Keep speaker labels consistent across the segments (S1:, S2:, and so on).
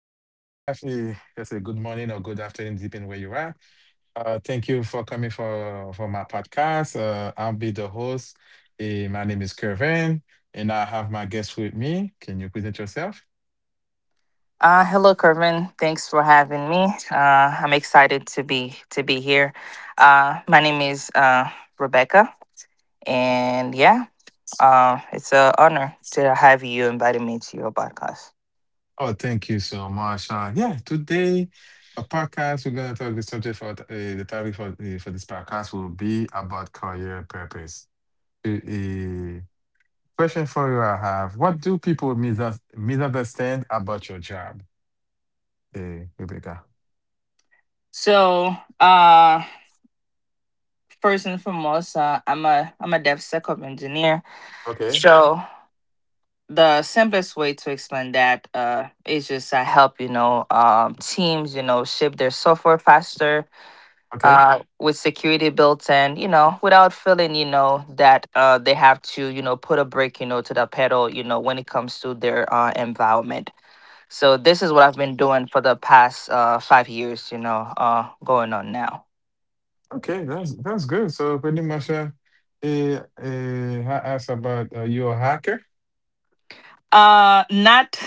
S1: afternoon. Let's say good morning or good afternoon, depending where you are. Thank you for coming for my podcast. I'll be the host. My name is Kervin, and I have my guest with me. Can you present yourself?
S2: Hello, Kervin. Thanks for having me. I'm excited to be here. My name is Rebecca, and yeah, it's an honor to have you invited me to your podcast.
S1: Oh, thank you so much. Yeah, today a podcast. We're gonna talk the subject for the topic for for this podcast will be about career purpose. A question for you I have: What do people misunderstand about your job? Rebecca.
S2: So, uh, First and foremost, I'm a DevSecOps engineer.
S1: Okay,
S2: So the simplest way to explain that is just I help teams ship their software faster
S1: okay,
S2: with security built in, without feeling, that they have to, put a brake, to the pedal, when it comes to their environment. So this is what I've been doing for the past 5 years, going on now.
S1: okay. That's good. So pretty much, I asked about you a hacker.
S2: Not.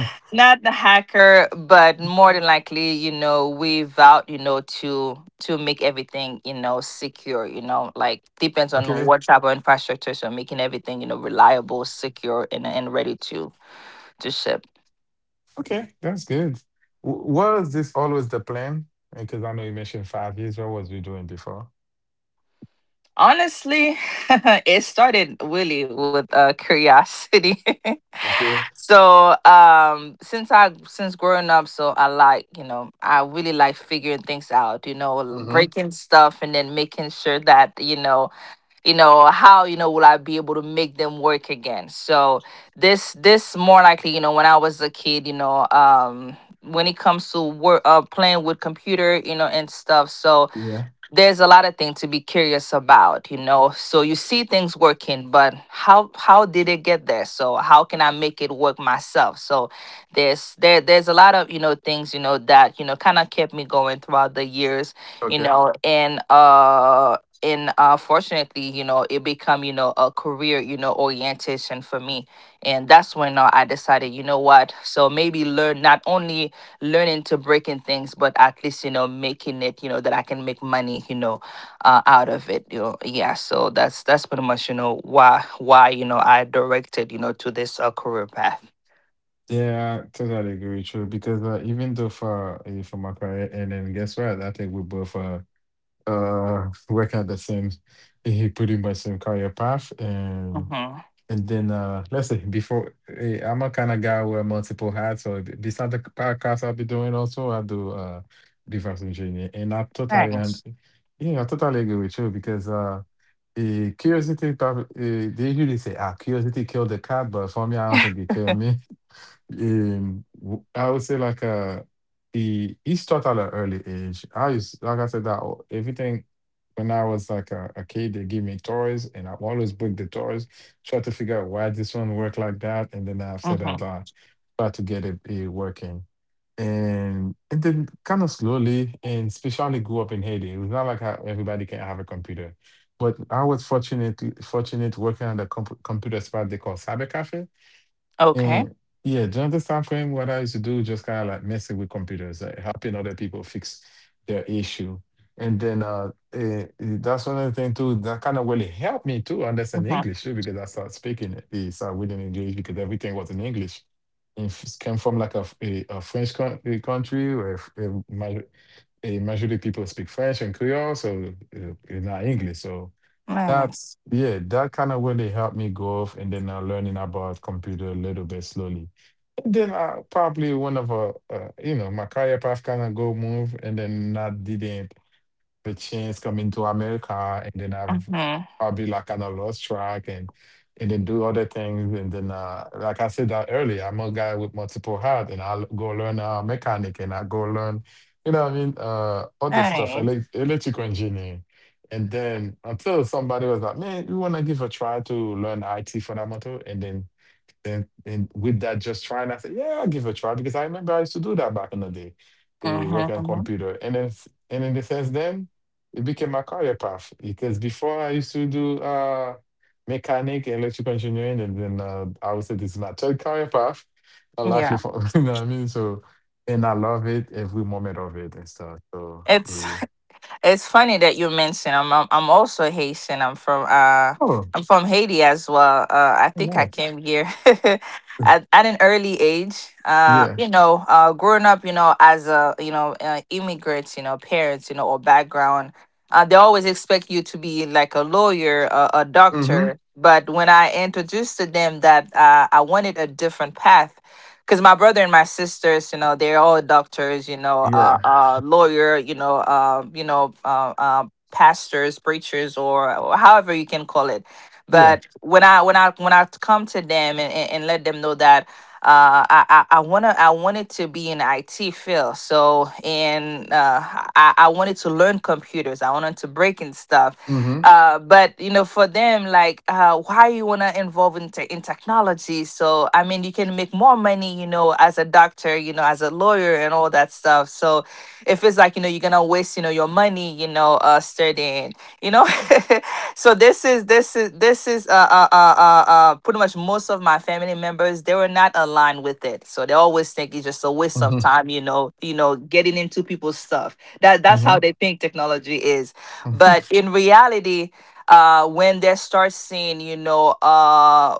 S1: Hmm.
S2: Not the hacker, but more than likely, we vowed, to make everything, secure, like depends on
S1: Okay,
S2: what type of infrastructure, so making everything, reliable, secure, and ready to ship.
S1: okay, that's good. Was this always the plan? Because I know you mentioned 5 years. What was you doing before?
S2: Honestly, it started really with curiosity.
S1: Okay.
S2: Since I since growing up, so I like I really like figuring things out. You know,
S1: Mm-hmm.
S2: breaking stuff and then making sure that how will I be able to make them work again. So this more likely, when I was a kid, when it comes to work, playing with computer, and stuff. So
S1: Yeah.
S2: there's a lot of things to be curious about, so you see things working, but how did it get there? So how can I make it work myself? So there's a lot of things you know that you know kind of kept me going throughout the years,
S1: Okay.
S2: and fortunately, it become, a career, orientation for me. And that's when I decided, you know what, so maybe learn not only learning to breaking things, but at least, making it, that I can make money, out of it. Yeah, so that's pretty much, why I directed, to this career path.
S1: Yeah, I totally agree with you. Because even though for for my career, and then guess what? I think we both uh work at the same, pretty much same career path, and.
S2: Mm-hmm.
S1: And then, let's see, before I'm a kind of guy who wear multiple hats. So besides the podcast I'll be doing also, I do reverse engineering. And I totally
S2: Nice.
S1: and yeah, I totally agree with you because curiosity probably they usually say ah curiosity killed the cat, but for me I don't think it killed me. I would say like he started at an early age. I used like I said that everything when I was like a kid, they give me toys, and I always break the toys, try to figure out why this one work like that, and then after
S2: Mm-hmm.
S1: that, I try to get it working. And then kind of slowly, and especially grew up in Haiti. It was not like how everybody can have a computer, but I was fortunate working at a computer spot they call cyber cafe
S2: Okay.
S1: and yeah, during this time frame, what I used to do just kind of like messing with computers, like helping other people fix their issue. And then that's another thing too that kind of really helped me to understand
S2: Mm-hmm.
S1: English too, because I started speaking it, started reading English because everything was in English. And came from like a French country where majority people speak French and Creole, so it's not English. So that
S2: Nice.
S1: yeah, that kind of really helped me grow off and then learning about computer a little bit slowly. And then I probably one of a you know my career path kind of go move and then I didn't the chance coming to America, and then I've
S2: Mm-hmm.
S1: probably like kind of lost track and then do other things. And then, like I said that earlier, I'm a guy with multiple hats, and I'll go learn mechanic, and I go learn, you know, what I mean, other stuff,
S2: Nice.
S1: electrical engineering. And then until somebody was like, "Man, we want to give a try to learn IT fundamental, and then and with that, just trying, I said, yeah, I'll give it a try because I remember I used to do that back in the day,
S2: Mm-hmm.
S1: working on
S2: Mm-hmm.
S1: computer. And then and in the sense then it became my career path because before I used to do mechanic and electrical engineering and then I would say this is my third career path. I
S2: Yeah,
S1: largely for you know what I mean? So and I love it every moment of it and stuff. So
S2: it's it's funny that you mentioned I'm also Haitian.
S1: oh
S2: I'm from Haiti as well. I think I
S1: nice.
S2: came here at an early age.
S1: Yeah.
S2: Growing up, as immigrants, parents, or background, they always expect you to be like a lawyer, a
S1: Mm-hmm.
S2: doctor. But when I introduced to them that I wanted a different path, because my brother and my sisters, they're all doctors,
S1: Yeah.
S2: lawyer, pastors, preachers, or however you can call it.
S1: Yeah.
S2: But when I come to them and, let them know that I wanna I wanted to be in IT field, so and I wanted to learn computers. I wanted to break and stuff.
S1: Mm-hmm.
S2: But you know, for them, like, why you want to involve in, in technology? So I mean you can make more money, you know, as a doctor, you know, as a lawyer, and all that stuff. So if it's like, you know, you're gonna waste, you know, your money, you know, studying, you know. So this is this is this is pretty much most of my family members, they were not aligned with it, so they always think it's just a waste of
S1: Mm-hmm.
S2: time, you know, you know, getting into people's stuff. That's how
S1: Mm-hmm.
S2: they think technology is. But
S1: Hmm.
S2: in reality, when they start seeing,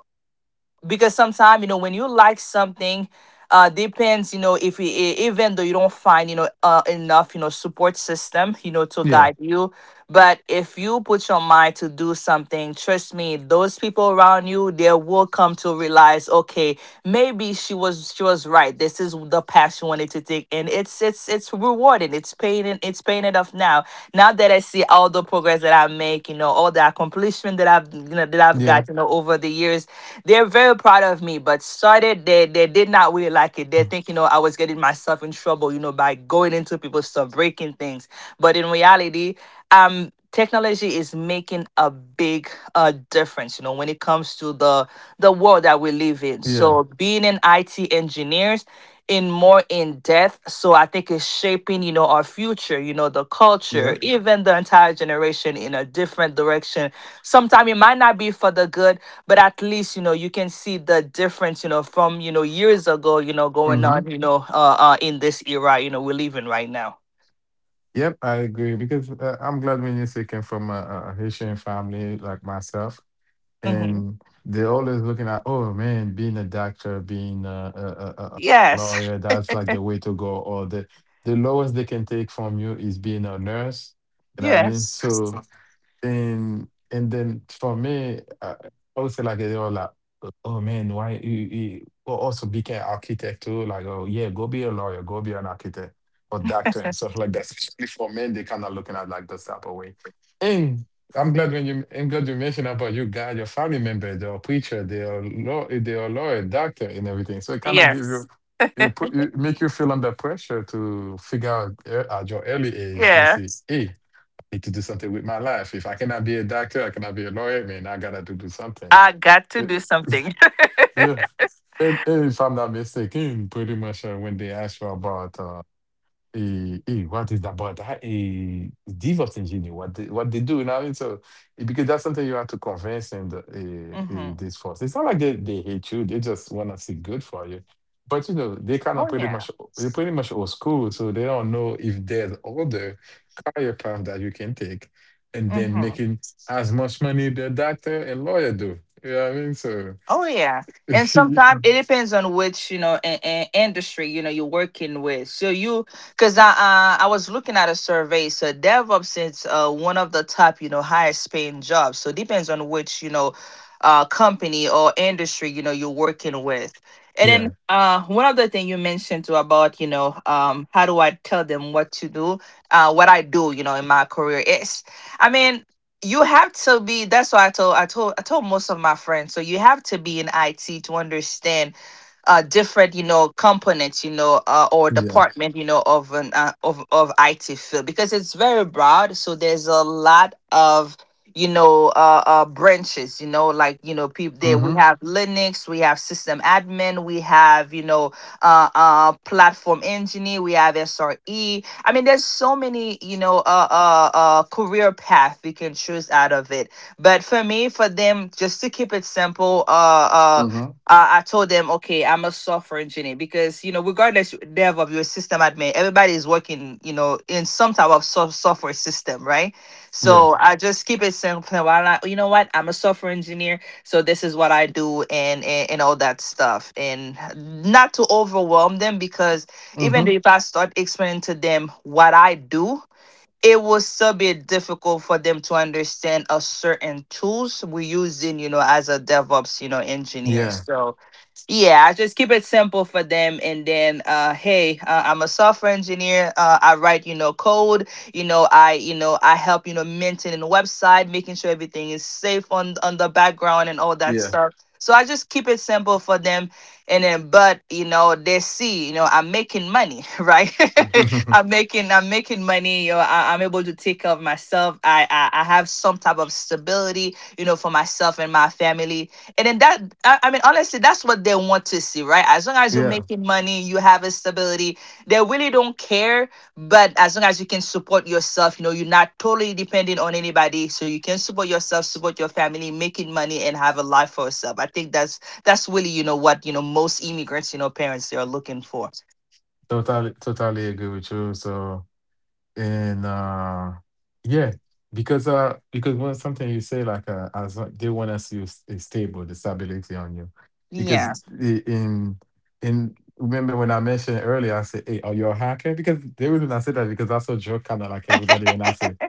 S2: because sometimes, you know, when you like something, depends, you know, if you, even though you don't find, you know, enough, you know, support system, you know, to
S1: Yeah.
S2: guide you, but if you put your mind to do something, trust me, those people around you, they will come to realize, okay, maybe she was right, this is the path she wanted to take, and it's it's rewarding, it's paying, it's paying it off now, now that I see all the progress that I make, you know, all the accomplishment that I've got,
S1: Yeah.
S2: you know, over the years, they're very proud of me. But started, they did not really like it. They think, you know, I was getting myself in trouble, you know, by going into people's stuff, breaking things. But in reality, technology is making a big difference, you know, when it comes to the world that we live in.
S1: Yeah,
S2: So being an IT engineers in more in depth. So I think it's shaping, you know, our future, you know, the
S1: yeah.
S2: culture, even the entire generation in a different direction. Sometimes it might not be for the good, but at least, you know, you can see the difference, you know, from, you know, years ago, you know, going on,
S1: Hmm.
S2: you know, in this era, you know, we're living right now.
S1: Yep, I agree because I'm glad when you say came from a Haitian family like myself,
S2: Hmm.
S1: and they're always looking at, oh man, being a doctor, being a, a, a a
S2: Yes.
S1: lawyer, that's like the way to go. Or the lowest they can take from you is being a nurse. You know what I mean?
S2: Yes.
S1: So and then for me, I would say like they were like, oh man, why you, you go also be architect too? Like, oh yeah, go be a lawyer, go be an architect or doctor and stuff like that. Especially for men, they kind of looking at like this type of way. And I'm glad you mentioned about you guys, your family member, they're a preacher, they're they're a lawyer, doctor, and everything. So it kind of give
S2: Yes.
S1: you you put you make you feel under pressure to figure out at your early age to
S2: Yeah,
S1: see, hey, need to do something with my life. If I cannot be a doctor, I cannot be a lawyer. I mean, I gotta do, do something.
S2: I got to
S1: Uh,
S2: do something.
S1: Yeah, and if I'm not mistaken, pretty much when they asked you about what is that? But that DevOps engineer, what they do now, it's a, because that's something you have to convince and
S2: Hmm.
S1: this force. It's not like they hate you; they just want to see good for you. But you know, they kind
S2: Oh
S1: of pretty
S2: yeah.
S1: much they're pretty much old school, so they don't know if there's other career path that you can take, and then
S2: Hmm.
S1: making as much money the doctor and lawyer do. You know what I mean? So
S2: Oh yeah, and sometimes it depends on which, you know, industry, you know, you're working with. So you, because I was looking at a survey, so DevOps is one of the top, you know, highest paying jobs. So depends on which, you know, company or industry, you know, you're working with. And then
S1: yeah,
S2: one other thing you mentioned too about, how do I tell them what to do, what I do, you know, in my career is, I mean, you have to be, that's why I told most of my friends, so you have to be in it to understand different, you know, components, you know, or
S1: yeah,
S2: department, you know, of an of IT field, because it's very broad. So there's a lot of, you know, branches, you know, like, you know, people there, we
S1: mm-hmm,
S2: have Linux, we have system admin, we have, you know, platform engineer, we have SRE. I mean, there's so many, you know, career path we can choose out of it. But for me, for them, just to keep it simple,
S1: mm-hmm,
S2: I told them, okay, I'm a software engineer, because, you know, regardless dev of your system admin, everybody is working, you know, in some type of software system, right? So
S1: yes,
S2: right. I just keep it simple. While I, you know what, I'm a software engineer, so this is what I do, and and all that stuff, and not to overwhelm them, because even
S1: mm-hmm,
S2: if I start explaining to them what I do, it will still be difficult for them to understand a certain tools we using, you know, as a DevOps, you know, engineer.
S1: yeah.
S2: So yeah, I just keep it simple for them. And then, hey, I'm a software engineer. I write, you know, code. You know, I help, you know, maintaining the website, making sure everything is safe on the background and all that
S1: Yeah.
S2: stuff. So I just keep it simple for them. And then, but, you know, they see, you know, I'm making money, right? I'm making money. You know, I'm able to take care of myself. I have some type of stability, you know, for myself and my family, and then that, I mean, honestly, that's what they want to see, right? As long as you're
S1: yeah,
S2: making money, you have a stability, they really don't care. But as long as you can support yourself, you know, you're not totally dependent on anybody. So you can support yourself, support your family, making money, and have a life for yourself. I think that's really, you know, what, you know, most immigrants, you know, parents, they are looking for.
S1: totally agree with you. So, and yeah, because when something you say like as long- they want to see you is stable, the stability on you,
S2: Yeah.
S1: because i- in in remember when I mentioned earlier, I said, "Hey, are you a hacker?" Because the reason I said that because I saw joke kind of like everybody, and I said.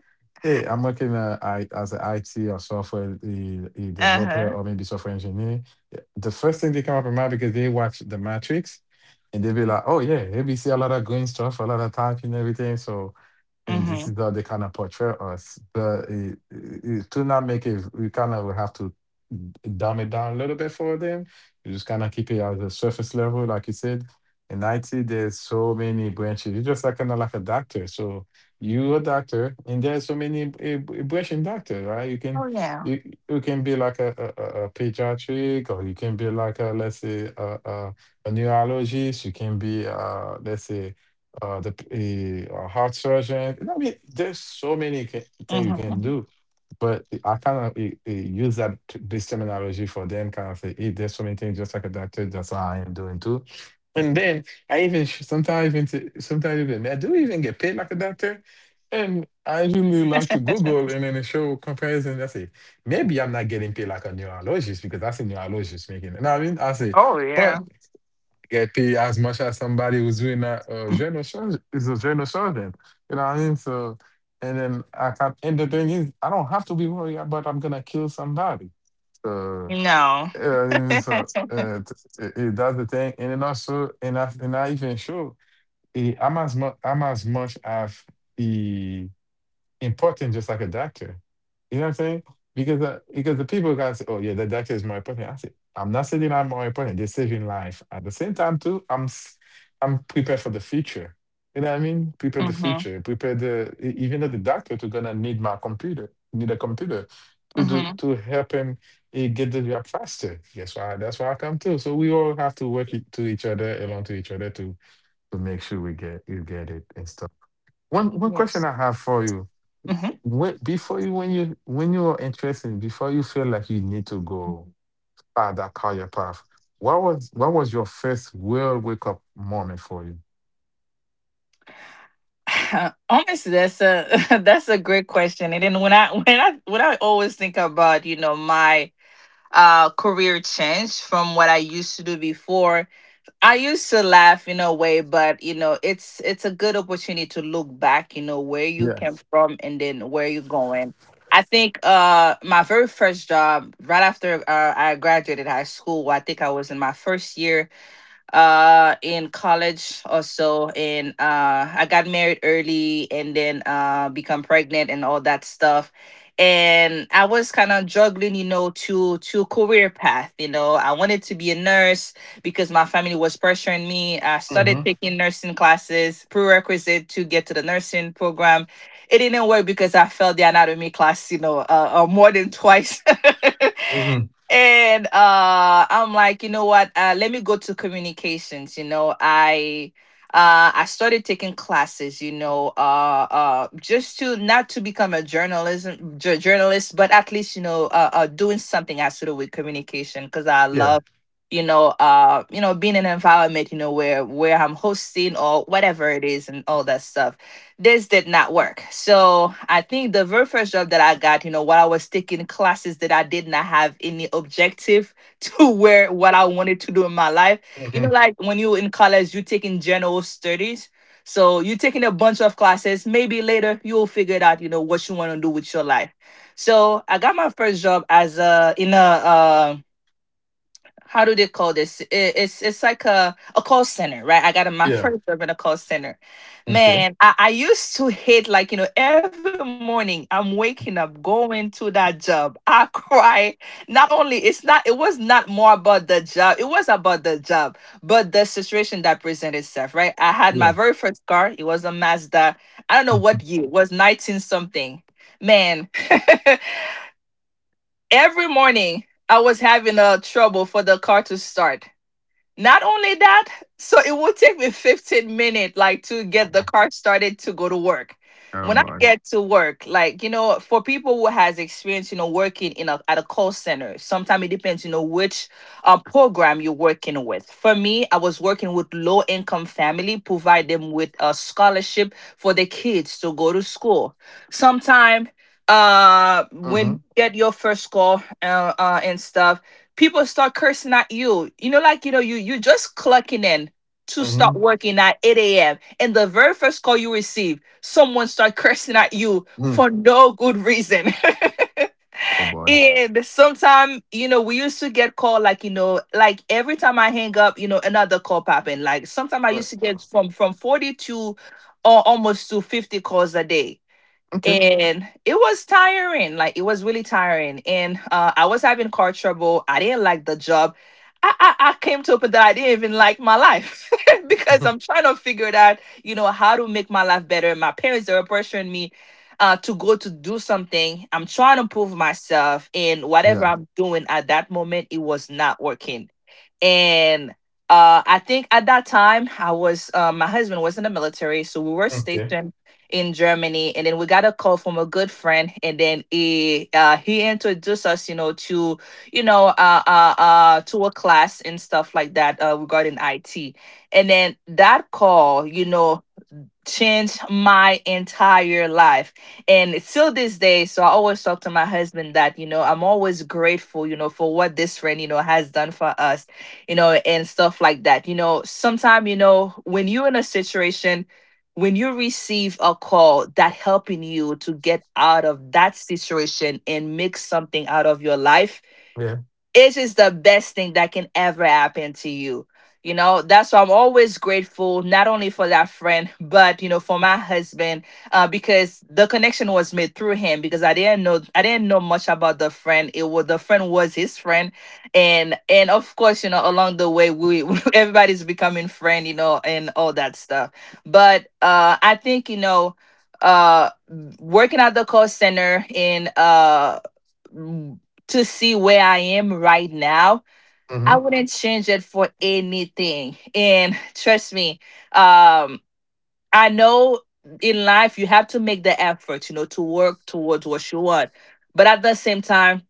S1: Hey, I'm working I, as an IT or software a developer
S2: Uh-huh.
S1: or maybe software engineer. Yeah, the first thing they come up in mind because they watch The Matrix and they be like, oh, yeah, they be see a lot of green stuff, a lot of typing and everything. So and this
S2: Mm-hmm.
S1: is how they kind of portray us. But to not make it, we kind of have to dumb it down a little bit for them. You just kind of keep it at the surface level, like you said. In IT, there's so many branches. You're just like kind of like a doctor. So you're a doctor, and there's so many branching doctor, right? You can
S2: Oh, yeah.
S1: you you can be like a pediatric, or you can be like a let's say a neurologist. You can be let's say a heart surgeon. I mean, there's so many things you can
S2: Mm-hmm.
S1: do, but I kind of use this terminology for them. Kind of say, hey, there's so many things just like a doctor. That's how I am doing too. And then I even sometimes even I do even get paid like a doctor. And I usually like to Google and then it show comparison. I say, maybe I'm not getting paid like a neurologist because that's a neurologist making it. You know what I mean? I say,
S2: Oh, yeah.
S1: but get paid as much as somebody who's doing a journal sergeant is a journal sergeant. You know what I mean? So and then I can and the thing is I don't have to be worried about I'm gonna kill somebody. So
S2: No.
S1: uh, so uh, t- that's the thing. And then also and I even show. I'm as much as the important just like a doctor. You know what I'm saying? Because the people gotta say, oh yeah, the doctor is more important. I say, I'm not saying I'm more important. They're saving life. At the same time too, I'm prepared for the future. You know what I mean? Prepare the
S2: Mm-hmm.
S1: future. Prepare even though the doctor to gonna need my computer, need a computer to do
S2: Mm-hmm.
S1: to help him get the job faster. That's why I come too. So we all have to work to each other, along to each other to make sure we get you get it and stuff. One question
S2: Yes.
S1: I have for you
S2: Mm-hmm.
S1: when before you when you are interested before you feel like you need to go ah that call your path what was your first real wake up moment for you.
S2: Honestly, that's a that's a great question. And then when I when I always think about, you know, my career change from what I used to do before, I used to laugh in a way, but you know it's a good opportunity to look back, you know, where you
S1: Yeah.
S2: came from and then where you're going. I think my very first job right after I graduated high school. I think I was in my first year in college also, and I got married early and then become pregnant and all that stuff, and I was kind of juggling, you know, to career path. You know, I wanted to be a nurse because my family was pressuring me. I started
S1: Mm-hmm.
S2: taking nursing classes, prerequisite to get to the nursing program. It didn't work because I failed the anatomy class, you know, more than twice.
S1: Mm-hmm.
S2: And I'm like, you know what, let me go to communications. I started taking classes, you know, just to not to become a journalist, but at least, you know, doing something associated with communication because I
S1: Yeah.
S2: love, you know, being in an environment, you know, where I'm hosting or whatever it is and all that stuff. This did not work. So I think the very first job that I got, you know, while I was taking classes, that I did not have any objective to where what I wanted to do in my life. You
S1: Mm-hmm.
S2: know, like when you in college, you taking general studies. So you're taking a bunch of classes. Maybe later you'll figure it out, you know, what you want to do with your life. So I got my first job as a in a how do they call this? It's like a call center, right? I got in my
S1: Yeah.
S2: first job in a call center.
S1: Okay.
S2: Man, I used to hate, like, you know, every morning I'm waking up, going to that job. I cry. Not only it's not it was not more about the job, it was about the job, but the situation that presented itself, right? I had
S1: Yeah.
S2: my very first car, it was a Mazda. I don't know
S1: Mhm.
S2: what year, it was 19 something. Man, every morning I was having a trouble for the car to start. Not only that, so it will take me 15 minutes like to get the car started to go to work.
S1: Oh
S2: When I
S1: boy.
S2: get to work, like, you know, for people who has experience, you know, working in a at a call center, sometimes it depends, you know, which program you're working with. For me, I was working with low income family, provide them with a scholarship for their kids to go to school. Sometimes when
S1: Mm-hmm.
S2: you get your first call, and stuff, people start cursing at you. You know, like, you know, you just clocking in to start
S1: Mm-hmm.
S2: working at 8 a.m., and the very first call you receive, someone start cursing at you
S1: Mm.
S2: for no good reason.
S1: Oh boy.
S2: And sometimes, you know, we used to get call, like, you know, like every time I hang up, you know, another call popping. Like sometimes I
S1: Uh,
S2: used to get from 40 to almost to 50 calls a day,
S1: okay.
S2: and it was tiring, like it was really tiring. And I was having car trouble, I didn't like the job, I came to open that I didn't even like my life because
S1: Mhm.
S2: I'm trying to figure it out, you know, how to make my life better. My parents, they were pressuring me, to go to do something. I'm trying to prove myself, and whatever
S1: Yeah.
S2: I'm doing at that moment, it was not working. And I think at that time I was my husband was in the military, so we were
S1: Okay.
S2: stationed in Germany, and then we got a call from a good friend, and then he introduced us, you know, to to a class and stuff like that, regarding IT. And then that call, you know, changed my entire life. And till this day, so I always talk to my husband that, you know, I'm always grateful, you know, for what this friend, you know, has done for us, you know, and stuff like that. You know, sometimes, you know, when you're in a situation, when you receive a call that helping you to get out of that situation and make something out of your life,
S1: Yeah.
S2: it is the best thing that can ever happen to you. You know, that's why I'm always grateful, not only for that friend, but, you know, for my husband, because the connection was made through him. Because I didn't know much about the friend. It was the friend was his friend, and of course, you know, along the way, we everybody's becoming friend, you know, and all that stuff. But I think, you know, uh, working at the call center and mm, to see where I am right now,
S1: Mm-hmm.
S2: I wouldn't change it for anything. And trust me, um, I know in life you have to make the effort, you know, to work towards what you want. But at the same time,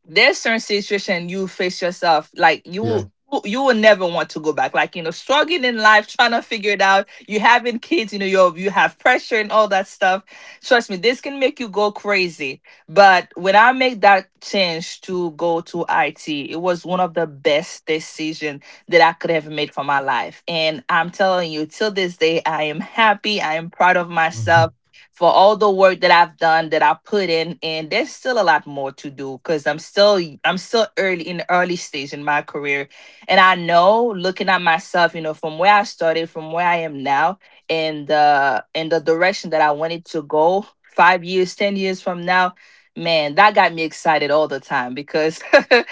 S2: there's certain situation you face yourself like you
S1: Yeah.
S2: will never want to go back, like, you know, struggling in life, trying to figure it out, you having kids, you know, you have pressure and all that stuff. Trust me, this can make you go crazy. But when I made that change to go to IT, it was one of the best decision that I could have made for my life. And I'm telling you, till this day, I am happy, I am proud of
S1: Mm-hmm.
S2: myself for all the work that I've done, that I put in. And there's still a lot more to do, cuz I'm still early in the early stage in my career. And I know, looking at myself, you know, from where I started, from where I am now, and the direction that I wanted to go 5 years, 10 years from now, man, that got me excited all the time, because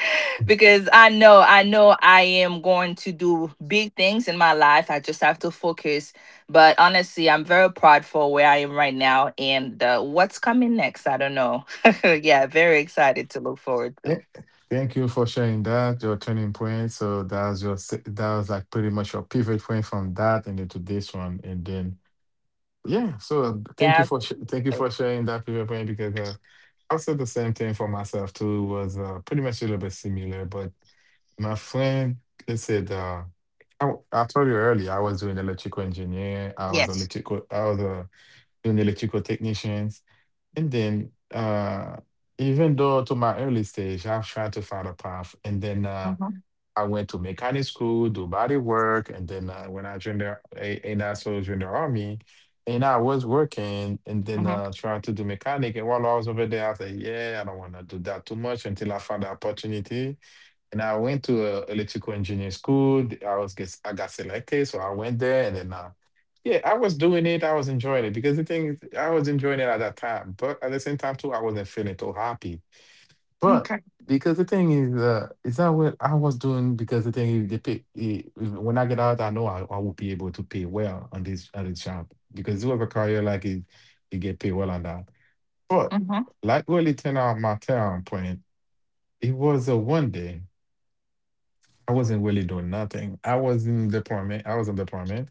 S2: because I know, I am going to do big things in my life, I just have to focus. But honestly, I'm very proud for where I am right now, and what's coming next. I don't know. Yeah, very excited to look forward
S1: Th-
S2: to.
S1: Thank you for sharing that, your turning point. So that was that was like pretty much your pivot point from that and into this one, and then yeah. So thank you
S2: Yeah.
S1: for sh- thank you
S2: Thank-
S1: for sharing that pivot point, because I said the same thing for myself too. Was pretty much a little bit similar, but my friend, they said I told you earlier I was doing electrical engineer. I was
S2: Yes.
S1: electrical. I was doing electrical technician. And then, even though to my early stage, I've tried to find a path. And then
S2: Mm-hmm.
S1: I went to mechanic school, do body work. And then when I joined and I so joined the army, and I was working and then
S2: Hmm.
S1: trying to do mechanic. And while I was over there, I said, yeah, I don't want to do that too much until I found the opportunity, and I went to a electrical engineering school. Th- I was get I got selected, so I went there, and then yeah, I was doing it. I was enjoying it because the thing is, I was enjoying it at that time. But at the same time too, I wasn't feeling too happy. But
S2: Okay.
S1: because the thing is that what I was doing? Because the thing is, they pay, eh, when I get out, I know I will be able to pay well on this job, because whoever career like it, you get paid well on that. But
S2: Hmm.
S1: like really turn out my turn point, it was a one day. I wasn't really doing nothing. I was in deployment. I was in deployment.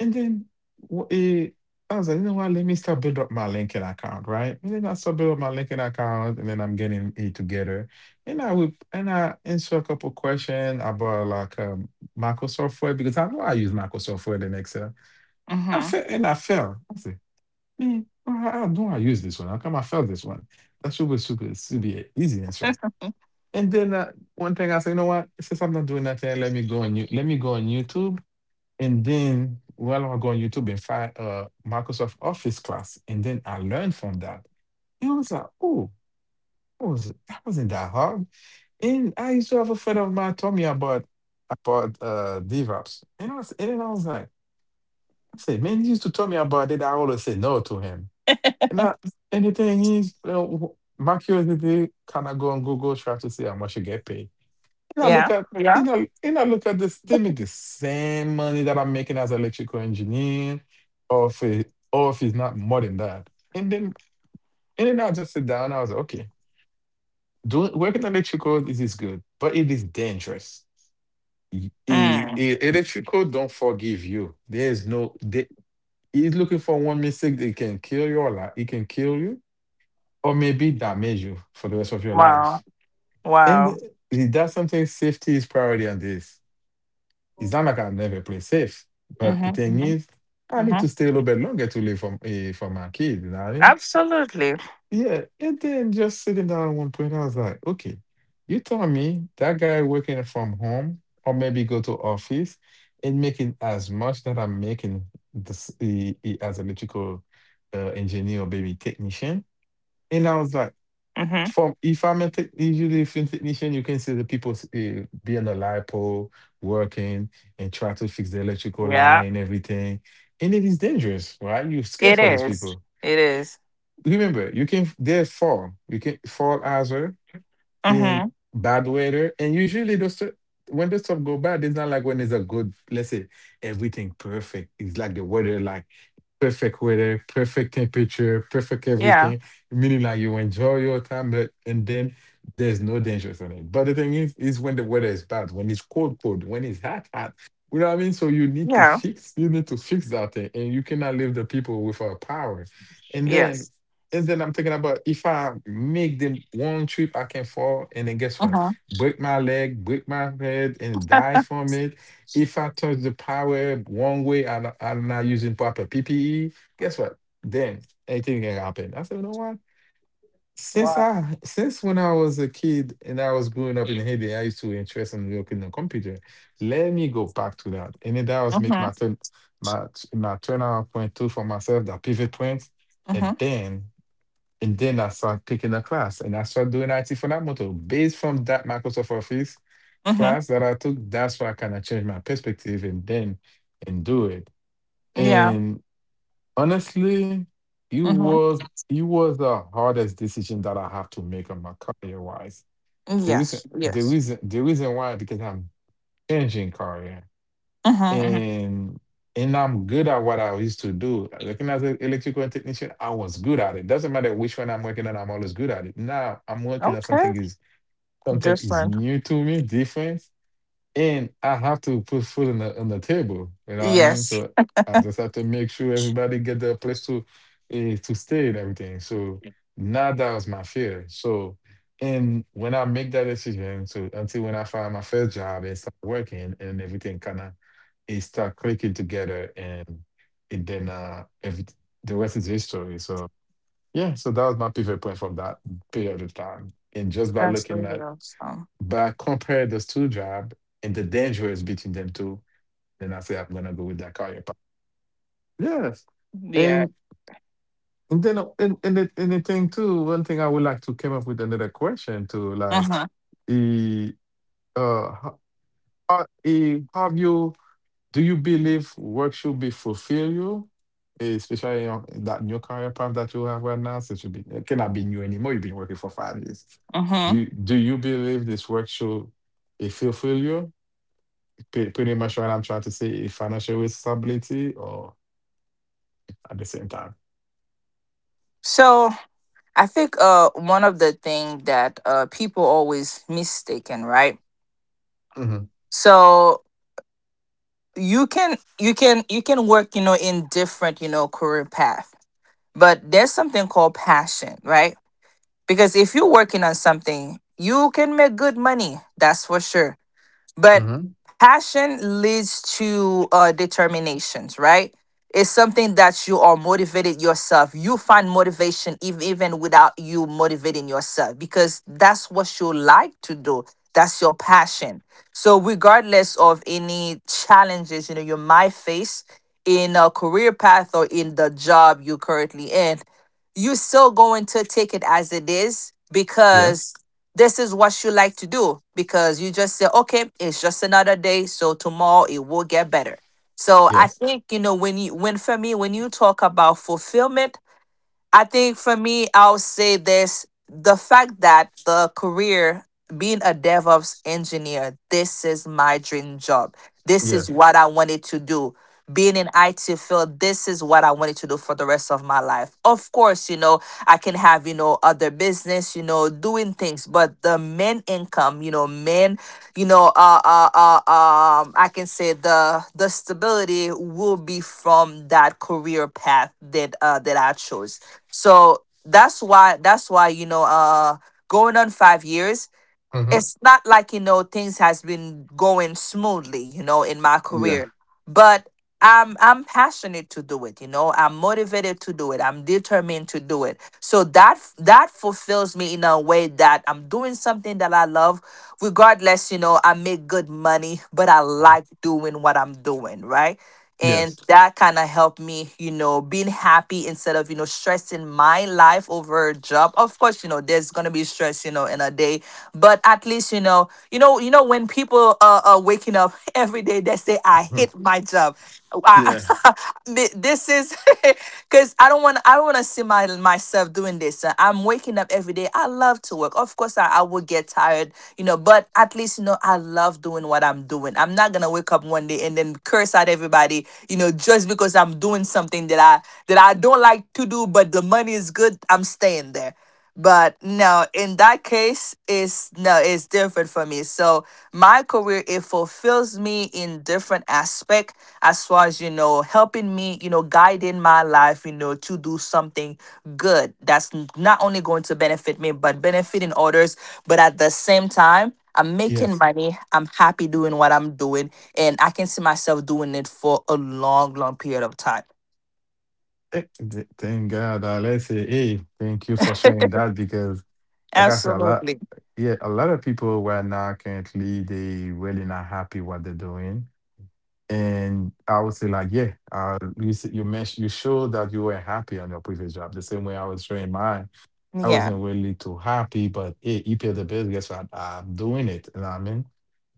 S1: And then wh- eh, I was like, you know what? Let me start build up my LinkedIn account, right? And then I start build up my LinkedIn account, and then I'm getting it together. And I answer a couple questions about Microsoft Word, because I know I use Microsoft Word in Excel. I
S2: Hmm.
S1: fell and I fell. I said, man, how do I use this one? How come I failed this one? That should be an easy answer. And then one thing I say, you know what? Since I'm not doing nothing, Let me go on YouTube, and then while I go on YouTube and find Microsoft Office class, and then I learned from that. And I was like, oh, that wasn't that hard. And I used to have a friend of mine told me about DevOps, and I was and then I was like. I said, man, he used to tell me about it. I always say no to him, and I anything is, you know, my curiosity kind of go on Google try to see how much you get paid. And I
S2: Yeah.
S1: look at
S2: Yeah.
S1: and and I look at this, they make the same money that I'm making as an electrical engineer, or if it, or if it's not more than that. And then and then I just sit down. I was like, okay, doing working electrical this is good, but it is dangerous.
S2: Mm.
S1: Electrical don't forgive you. There's no they, He's looking for one mistake. They can kill your life. It can kill you, or maybe damage you for the rest of your
S2: Wow.
S1: life. And
S2: Wow.
S1: that's something. Safety is priority on this. It's not like I've never played safe, but the
S2: Hmm.
S1: thing
S2: Hmm.
S1: is, I need
S2: Hmm.
S1: to stay a little bit longer to live for for my kid. You know what I mean?
S2: Absolutely.
S1: Yeah. And then just sitting down at one point, I was like, okay, you tell me that guy working from home or maybe go to office and making as much that I'm making this as electrical engineer or maybe technician. And I was like,
S2: Hmm.
S1: from if I'm a tech, usually a film technician, you can see the people be on the lipo working and try to fix the electrical
S2: Yeah.
S1: line and everything, and it is dangerous, right? You're scared
S2: It
S1: for these
S2: is.
S1: people.
S2: It is.
S1: Remember, you can they fall, you can fall as well in
S2: Mm-hmm.
S1: bad weather, and usually when the stuff go bad, it's not like when it's a good, let's say everything perfect. It's like the weather, like perfect weather, perfect temperature, perfect
S2: Yeah.
S1: everything, meaning like you enjoy your time, but and then there's no dangers on it. But the thing is when the weather is bad, when it's cold, cold, when it's hot, hot. You know what I mean? So you need to
S2: Yeah.
S1: fix, you need to fix that thing, and you cannot leave the people without power. And then,
S2: Yes.
S1: and then I'm thinking about, if I make them one trip, I can fall, and then guess what?
S2: Hmm.
S1: Break my leg, break my head, and die from it if I touch the power one way and I'm not using proper PPE, guess what? Then anything can happen. I said, you know what?
S2: Wow.
S1: Since when I was a kid and I was growing up in Haiti, I used to interest in working on computer. Let me go back to that. And then that was
S2: Hmm.
S1: make my my turnout point too for myself, that pivot point. And
S2: Hmm.
S1: then and then I started picking a class, and I started doing IT for that motor based from that Microsoft Office
S2: Hmm.
S1: class that I took. That's why I kind of changed my perspective, and then and do it.
S2: Yeah.
S1: And honestly, it
S2: Hmm.
S1: was it was the hardest decision that I have to make on my career wise. The reason
S2: Yes.
S1: the
S2: Yes.
S1: reason the reason why, because I'm changing career,
S2: Mm-hmm, hmm.
S1: and and I'm good at what I used to do. Working as an electrical technician, I was good at it. Doesn't matter which one I'm working on, I'm always good at it. Now I'm working on
S2: Okay.
S1: something is
S2: Different.
S1: new to me, different, and I have to put food on the table. You know what I mean?
S2: Yes.
S1: So I just have to make sure everybody get their place to stay and everything. So now that was my fear. So, and when I make that decision, so until when I find my first job and start working, and everything kind of it start clicking together, and it then every the rest is history. So yeah, so that was my pivot point from that period of time. And just by
S2: That's really
S1: looking at,
S2: awesome.
S1: but compare those two jobs and the danger is between them two, then I say I'm gonna go with that career path. Yes.
S2: Yeah.
S1: And and then and the thing too, one thing I would like to come up with another question too, like
S2: Mm-hmm.
S1: eh, uh ho- have you do you believe work should be fulfill you? Especially in in that new career path that you have right now, since you be it cannot be new anymore. You've been working for 5 years.
S2: Mm-hmm.
S1: Do you believe this work should it fulfill you? Pretty much what I'm trying to say is financial stability or at the same time.
S2: So I think one of the thing that people always mistaken, right?
S1: Hmm.
S2: So you can you can work, you know, in different, you know, career path. But there's something called passion, right? Because if you're working on something, you can make good money, that's for sure. But
S1: Hmm.
S2: passion leads to determinations, right? It's something that you are motivated yourself. You find motivation even without you motivating yourself, because that's what you like to do. That's your passion. So regardless of any challenges, you know, you might face in a career path or in the job you're currently in, you're still going to take it as it is,
S1: Yes.
S2: because this is what you like to do, because you just say, okay, it's just another day, so tomorrow it will get better. So I
S1: Yes.
S2: think, you know, when you when for me when you talk about fulfillment, I think for me, I'll say this, the fact that the career, being a DevOps engineer, this is my dream job. This
S1: Yeah.
S2: is what I wanted to do. Being in IT field, this is what I wanted to do for the rest of my life. Of course, you know, I can have, you know, other business, you know, doing things, but the main income, you know, main, you know, I can say the stability will be from that career path that that I chose. So that's why, you know, going on 5 years,
S1: Hmm.
S2: it's not like, you know, things has been going smoothly, you know, in my
S1: Yeah.
S2: career. But I'm passionate to do it, you know, I'm motivated to do it, I'm determined to do it. So that that fulfills me in a way that I'm doing something that I love, regardless, you know, I make good money, but I
S1: Um,
S2: like doing what I'm doing, right? And
S1: Yes.
S2: that kind of helped me, you know, being happy, instead of, you know, stressing my life over a job. Of course, you know, there's gonna be stress, you know, in a day, but at least, you know, when people are, waking up every day, they say I
S1: Mhm.
S2: hate my job, I,
S1: Yeah.
S2: this is because I don't want, to see my myself doing this. I'm waking up every day. I love to work. Of course, I will get tired, but at least, I love doing what I'm doing. I'm not going to wake up one day and then curse at everybody, just because I'm doing something that I don't like to do, but the money is good. I'm staying there, but no, in that case it's no, it's different for me, so my career, it fulfills me in different aspect, as far as helping me, guiding my life, to do something good that's not only going to benefit me but benefiting others. But at the same time, I'm making
S1: Yes.
S2: money. I'm happy doing what I'm doing. And I can see myself doing it for a long, long period of time.
S1: Thank God. Let's say, hey, thank you for sharing that, because like I said,
S2: Absolutely.
S1: yeah, a lot of people right now currently they really not happy what they're doing. And I would say like, yeah, you mentioned you showed that you were happy on your previous job the same way I was showing mine. I
S2: Yeah.
S1: wasn't really too happy, but hey, you pay the bills. Guess what? I'm doing it. You know what I mean?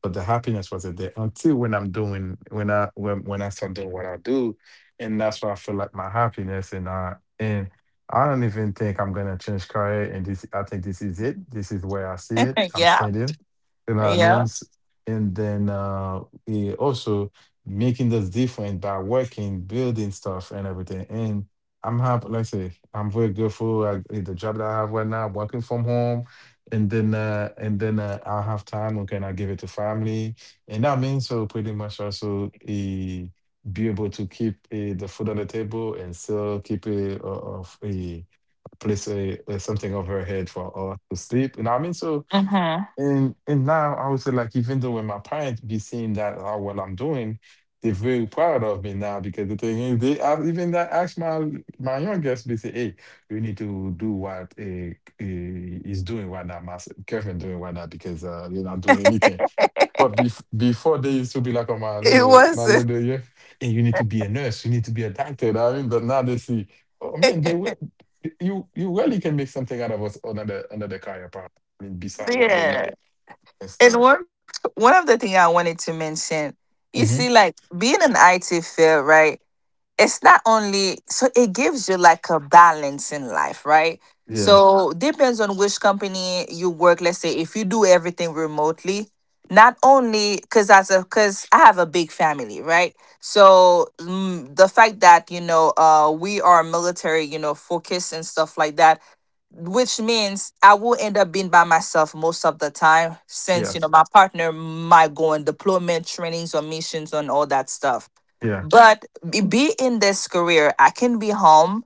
S1: But the happiness wasn't there until when I start doing what I do, and that's why I feel like my happiness. And I don't even think I'm gonna change career. And this I think this is it. This is where I see it. I'm
S2: Yeah.
S1: standing. You know what I mean?
S2: Yeah.
S1: And then also, making this difference by working, building stuff, and everything. I'm happy. Like I say, I'm very grateful. The job that I have right now, working from home, and then I'll have time. Okay, and I give it to family, and that means so pretty much also be able to keep the food on the table and still keep a of a place something over her head for us to sleep. You know what I mean? So
S2: Hmm.
S1: and and now I would say, like, even though when my parents be seeing that how well I'm doing, they're very proud of me now because the thing is even that ask my youngest, they say, hey, you need to do what is doing right now, Kevin doing right now, because you're not doing anything. But before they used to be like on my
S2: It
S1: little my
S2: wasn't.
S1: little yeah, hey, you need to be a nurse, you need to be a doctor. I mean, but now they see, oh man, they will, you really can make something out of us, another career path. I mean, beside what they
S2: Yeah.
S1: know and
S2: And
S1: stuff.
S2: one of the things I wanted to mention, you see,
S1: Hmm.
S2: like being an IT field, right? It's not only, so it gives you like a balance in life, right?
S1: Yeah.
S2: So depends on which company you work. Let's say if you do everything remotely, not only because as a because I have a big family, right? So the fact that we are military, focused and stuff like that, which means I will end up being by myself most of the time since
S1: Yes.
S2: my partner might go on deployment trainings or missions and all that stuff.
S1: Yeah.
S2: But be in this career, I can be home,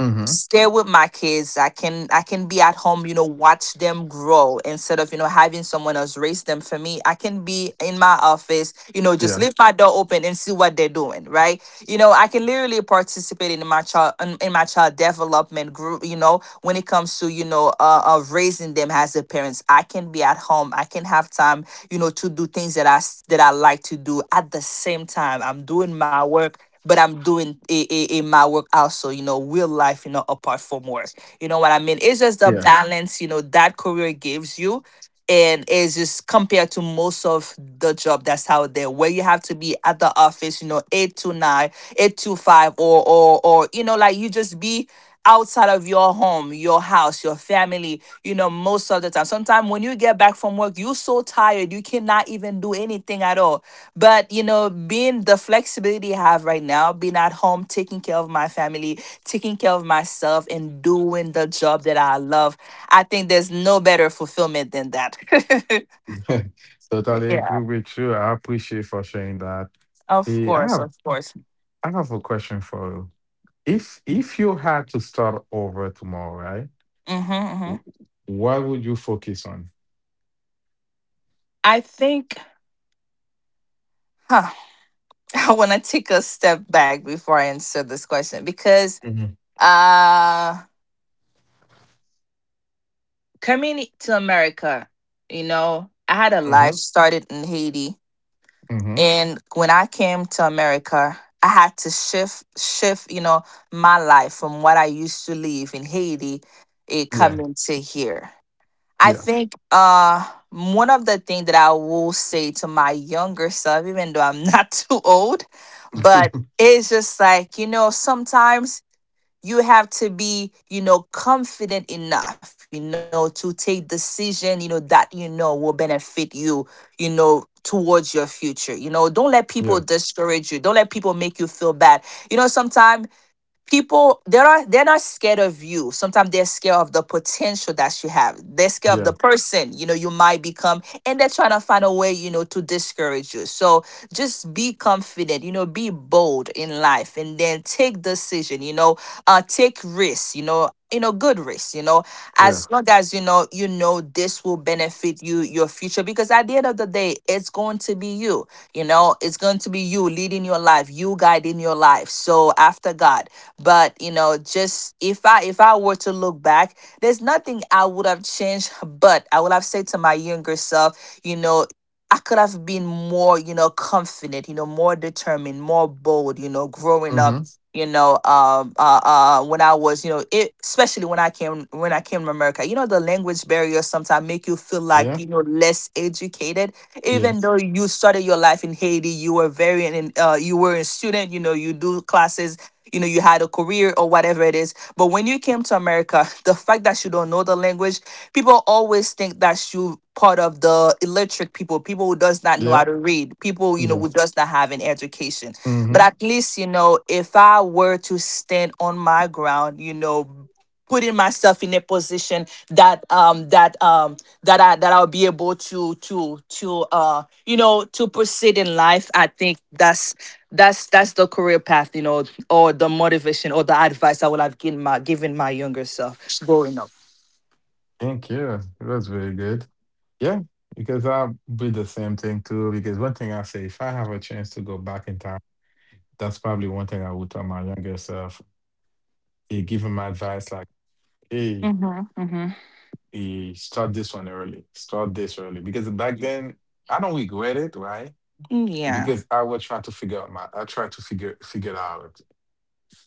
S1: Hmm.
S2: stay with my kids. I can be at home, watch them grow, instead of having someone else raise them for me. I can be in my office, just
S1: Yeah.
S2: leave my door open and see what they're doing, right? I can literally participate in my child development group, when it comes to, raising them as a parents. I can be at home, I can have time, to do things that I like to do at the same time I'm doing my work, but I'm doing a my work also, real life, apart from work. You know what I mean? It's just the
S1: Yeah.
S2: balance, that career gives you. And it's just compared to most of the job that's out there where you have to be at the office, 8 to 9, 8 to 5, or like you just be outside of your home, your house, your family, most of the time. Sometimes when you get back from work, you're so tired, you cannot even do anything at all. But being the flexibility I have right now, being at home, taking care of my family, taking care of myself, and doing the job that I love, I think there's no better fulfillment than that.
S1: Totally agree
S2: Yeah.
S1: with you. I appreciate for sharing that. Eh,
S2: Of
S1: I have
S2: course, of course.
S1: I have a question for you. If you had to start over tomorrow, right?
S2: Hmm.
S1: w-
S2: Hmm.
S1: What would you focus on?
S2: I think huh, I want to take a step back before I answer this question, because
S1: Hmm.
S2: uh coming to America, I had a
S1: Hmm.
S2: life started in Haiti.
S1: Hmm.
S2: And when I came to America, I had to shift my life from what I used to live in Haiti, it
S1: Yeah.
S2: coming to here. I
S1: Yes.
S2: think one of the things that I will say to my younger self, even though I'm not too old, but it's just like, sometimes you have to be, confident enough, to take decision that will benefit you, you know towards your future. Don't let people
S1: Yeah.
S2: discourage you, don't let people make you feel bad. Sometimes people, they're not scared of you. Sometimes they're scared of the potential that you have. They're scared of the
S1: Yeah.
S2: person you might become, and they're trying to find a way to discourage you. So just be confident, be bold in life, and then take decision. Take risks, good risks,
S1: Yeah.
S2: as long as this will benefit you, your future, because at the end of the day it's going to be you. You know It's going to be you leading your life, you guiding your life, so after God. But just if I were to look back, there's nothing I would have changed, but I would have said to my younger self, I could have been more, confident, more determined, more bold, growing up,
S1: Hmm.
S2: when I was, especially when I came to America, the language barriers sometimes make you feel like,
S1: Yeah.
S2: less educated, even
S1: Yes.
S2: though you started your life in Haiti, you were a student, you do classes, you had a career or whatever it is. But when you came to America, the fact that you don't know the language, people always think that you part of the illiterate people, people who does not know how
S1: Yeah.
S2: to read, people
S1: Yeah.
S2: who does not have an education. But
S1: Hmm.
S2: at least, if I were to stand on my ground, putting myself in a position that that that I that I'll be able to you know to proceed in life, I think that's the career path, or the motivation or the advice I would have given my younger self, growing up.
S1: Thank you. That's very good. Yeah, because I'll be the same thing too. Because one thing I say, if I have a chance to go back in time, that's probably one thing I would tell my younger self. Hey, give him my advice like, hey,
S2: Mhm. Mhm.
S1: start this one early, start this early. Because back then, I don't regret it, right?
S2: Mm, yeah.
S1: Because I was trying to figure out my, I tried to figure it out.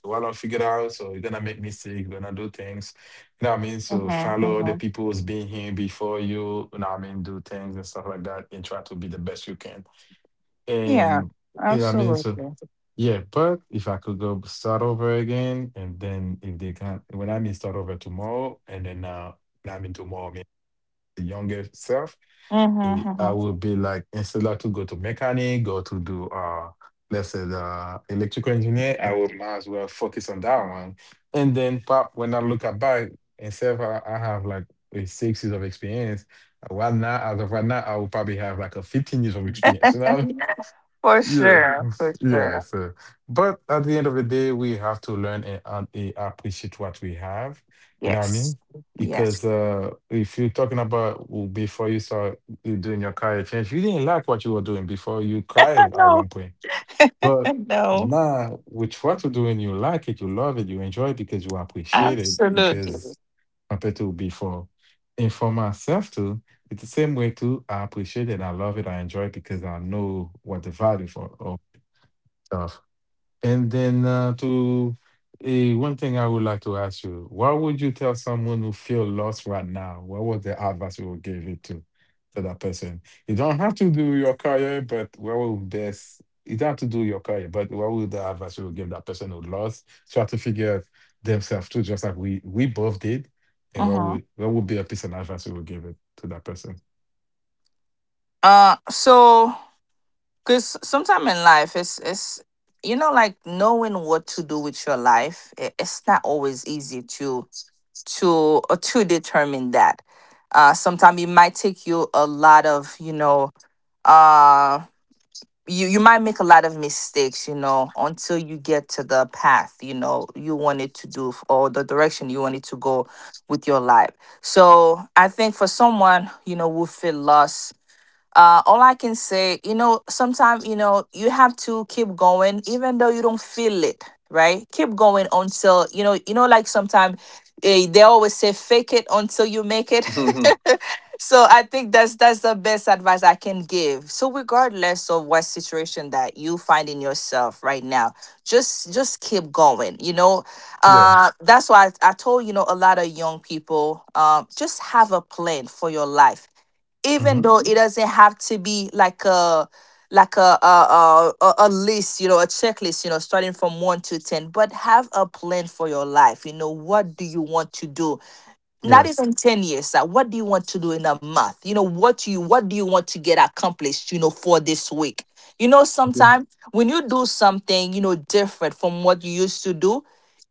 S1: What I don't figure it out, so you're gonna make mistakes, you're gonna do things. You know what I mean? So
S2: Mhm.
S1: follow the
S2: Mhm.
S1: people who's been here before you, you know what I mean? Do things and stuff like that and try to be the best you can.
S2: Yeah.
S1: And you know what I mean? So
S2: Absolutely.
S1: yeah, but if I could go start over again, and then if they can, when I mean start over tomorrow, and then now I mean tomorrow, I mean the younger self,
S2: Mhm.
S1: I
S2: Mhm.
S1: will be like, instead of to go to mechanic, go to do let's say the electrical engineer, I would might as well focus on that one. And then pop, when I look at back, instead of I have like 6 years of experience, right now, as of right now, I will probably have like a 15 years of experience. You know?
S2: For
S1: Yeah,
S2: sure. For
S1: yeah.
S2: sure.
S1: So, but at the end of the day, we have to learn and, appreciate what we have. You know what I
S2: Yes.
S1: mean?
S2: Yes.
S1: Because if you're talking about before you start you doing your career change, you didn't like what you were doing before. You cried at
S2: No.
S1: one point, but
S2: No.
S1: now with what you're doing, you like it, you love it, you enjoy it because you appreciate it.
S2: Absolutely.
S1: Because compared to before, and for myself too, it's the same way too. I appreciate it. I love it. I enjoy it because I know what the value for. Of stuff. And then one thing I would like to ask you, what would you tell someone who feel lost right now? What was the advice you would give it to that person? You don't have to do your career, but what would best you don't have to do your career, but what would the advice you would give that person who lost? Try to figure out themselves too, just like we both did. And what
S2: Mhm.
S1: would, what would be a piece of advice you would give it to that person?
S2: So because sometime in life, it's like knowing what to do with your life, it's not always easy to to determine that. Sometimes it might take you a lot of, uh, you might make a lot of mistakes, until you get to the path you wanted to do, or the direction you wanted to go with your life. So I think for someone who feel lost, all I can say, sometimes you have to keep going, even though you don't feel it right, keep going until, like sometimes, they always say fake it until you make it. So I think that's the best advice I can give. So regardless of what situation that you find in yourself right now, just keep going.
S1: Yeah.
S2: That's why I told, a lot of young people, just have a plan for your life, even
S1: Hmm.
S2: though it doesn't have to be like a list, a checklist, starting from 1 to 10. But have a plan for your life, what do you want to do, not
S1: Yes.
S2: even 10 years. What do you want to do in a month? What do you want to get accomplished, for this week?
S1: Okay.
S2: Sometimes when you do something different from what you used to do,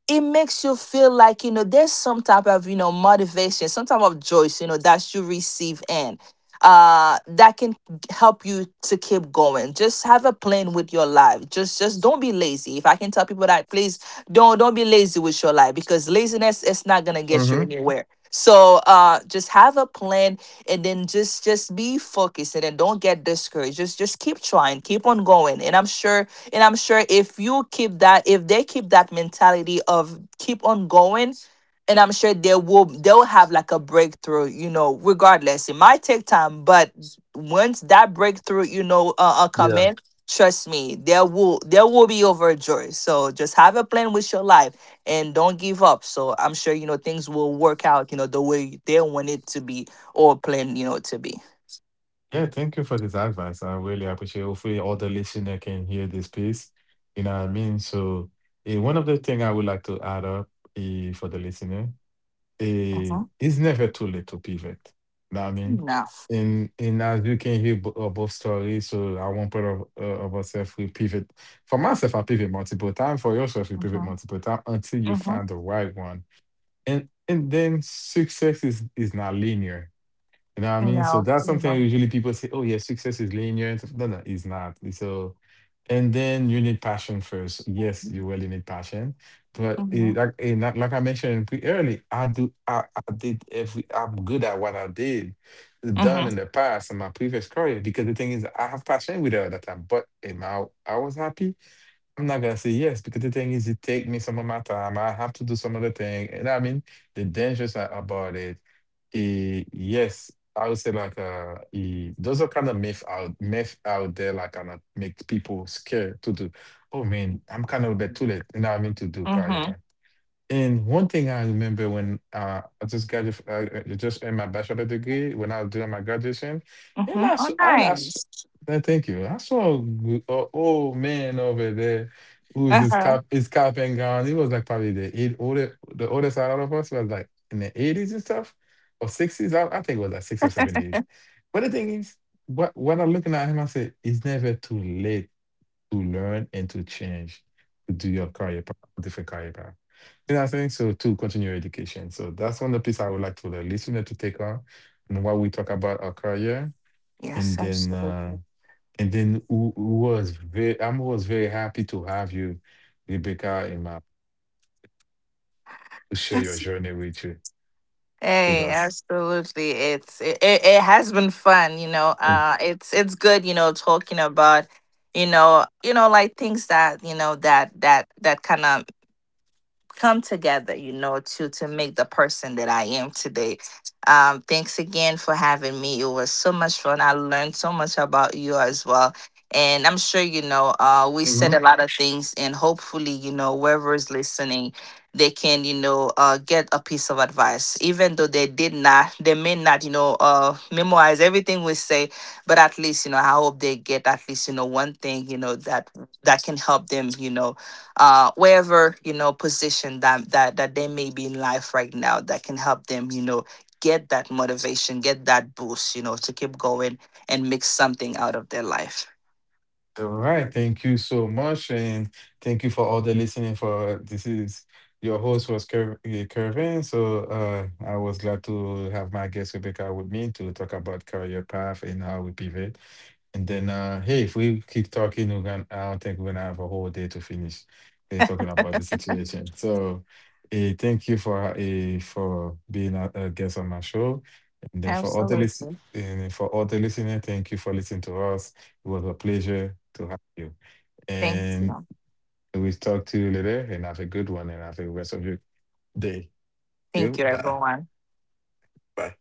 S2: it makes you feel like there's some type of, motivation, some type of joy, that you receive that can help you to keep going. Just have a plan with your life. Just don't be lazy, if I can tell people that, please. Don't be lazy with your life, because laziness is not gonna get you
S1: Hmm.
S2: anywhere, so just have a plan. And then just be focused, and then don't get discouraged, just keep trying, keep on going. And I'm sure if you keep that, if they keep that mentality of keep on going, and I'm sure they'll have like a breakthrough, regardless. It might take time, but once that breakthrough, come
S1: Yeah.
S2: in, trust me, there will be overjoyed. So just have a plan with your life and don't give up. So I'm sure, things will work out, the way they want it to be, or plan, to be.
S1: Yeah, thank you for this advice. I really appreciate it. Hopefully all the listener can hear this piece. You know what I mean? So one of the thing I would like to add up for the listener,
S2: Mm-hmm.
S1: it's never too late to pivot. Know what I mean?
S2: No.
S1: And as you can hear both stories, so at one point of ourselves, we pivot. For myself, I pivot multiple times. For yourself, you pivot
S2: Mm-hmm.
S1: multiple times until you
S2: Mm-hmm.
S1: find the right one. And then success is not linear, you know what I mean? So
S2: No.
S1: that's something
S2: You
S1: usually people say, oh, yeah, success is linear. And stuff." No, no, it's not. So, and then you need passion first. Yes, you really need passion. But it,
S2: know.
S1: like, and like I mentioned early, I do, I did every, I'm good at what I did done
S2: Mm-hmm.
S1: in the past in my previous career, because the thing is, I have passion with it at that time, but I was happy? I'm not gonna say yes because the thing is, it take me some of my time. I have to do some other thing, and I mean the dangers are about it. Yes, I would say like those are kind of myth out there, like kind of make people scared to do. Oh man, I'm kind of a bit too late. You know what I mean to do career?
S2: Mhm,
S1: And one thing I remember when I just got it, I just in my bachelor degree when I was doing my graduation, and I
S2: mhm.
S1: s-
S2: Oh,
S1: and I, s-
S2: nice.
S1: no, thank you. I saw a, a old man over there who was his
S2: Uh-huh.
S1: cop and gown. He was like probably the eight older the oldest out of us, was like in the 80s and stuff or 60s. I think it was like six or 70s. But the thing is, what when I'm looking at him, I said it's never too late to learn and to change to do your career path, different career path. You I think So To continue your education. So that's one of the piece I would like to the listener to take on and while we talk about our career. And
S2: Yes,
S1: then
S2: absolutely.
S1: who was very I'm was very happy to have you, Rebecca, in my to share your journey with you, with
S2: Hey,
S1: us.
S2: absolutely. It has been fun. It's good, talking about, like things that, that kind of come together, to make the person that I am today. Thanks again for having me. It was so much fun. I learned so much about you as well. And I'm sure, we said
S1: Mhm.
S2: a lot of things, and hopefully, whoever is listening, they can, get a piece of advice. Even though they did not, they may not, memorize everything we say, but at least, I hope they get at least, one thing, that can help them, wherever position that they may be in life right now that can help them, get that motivation, get that boost, to keep going, and make something out of their life.
S1: All right. Thank you so much. And thank you for all the listening for this is your host was Kervin. So I was glad to have my guest Rebecca with me to talk about career path and how we pivot. And then, hey, if we keep talking, we're gonna, I don't think we're gonna have a whole day to finish talking about the situation. So, thank you for hey, for being a guest on my show. And then for all the listen,
S2: Absolutely.
S1: and for all the listener, thank you for listening to us. It was a pleasure to have you.
S2: Thank
S1: And
S2: you,
S1: we'll talk to you later. And have a good one. And have a rest of your day. You
S2: thank you
S1: bye
S2: everyone.
S1: bye.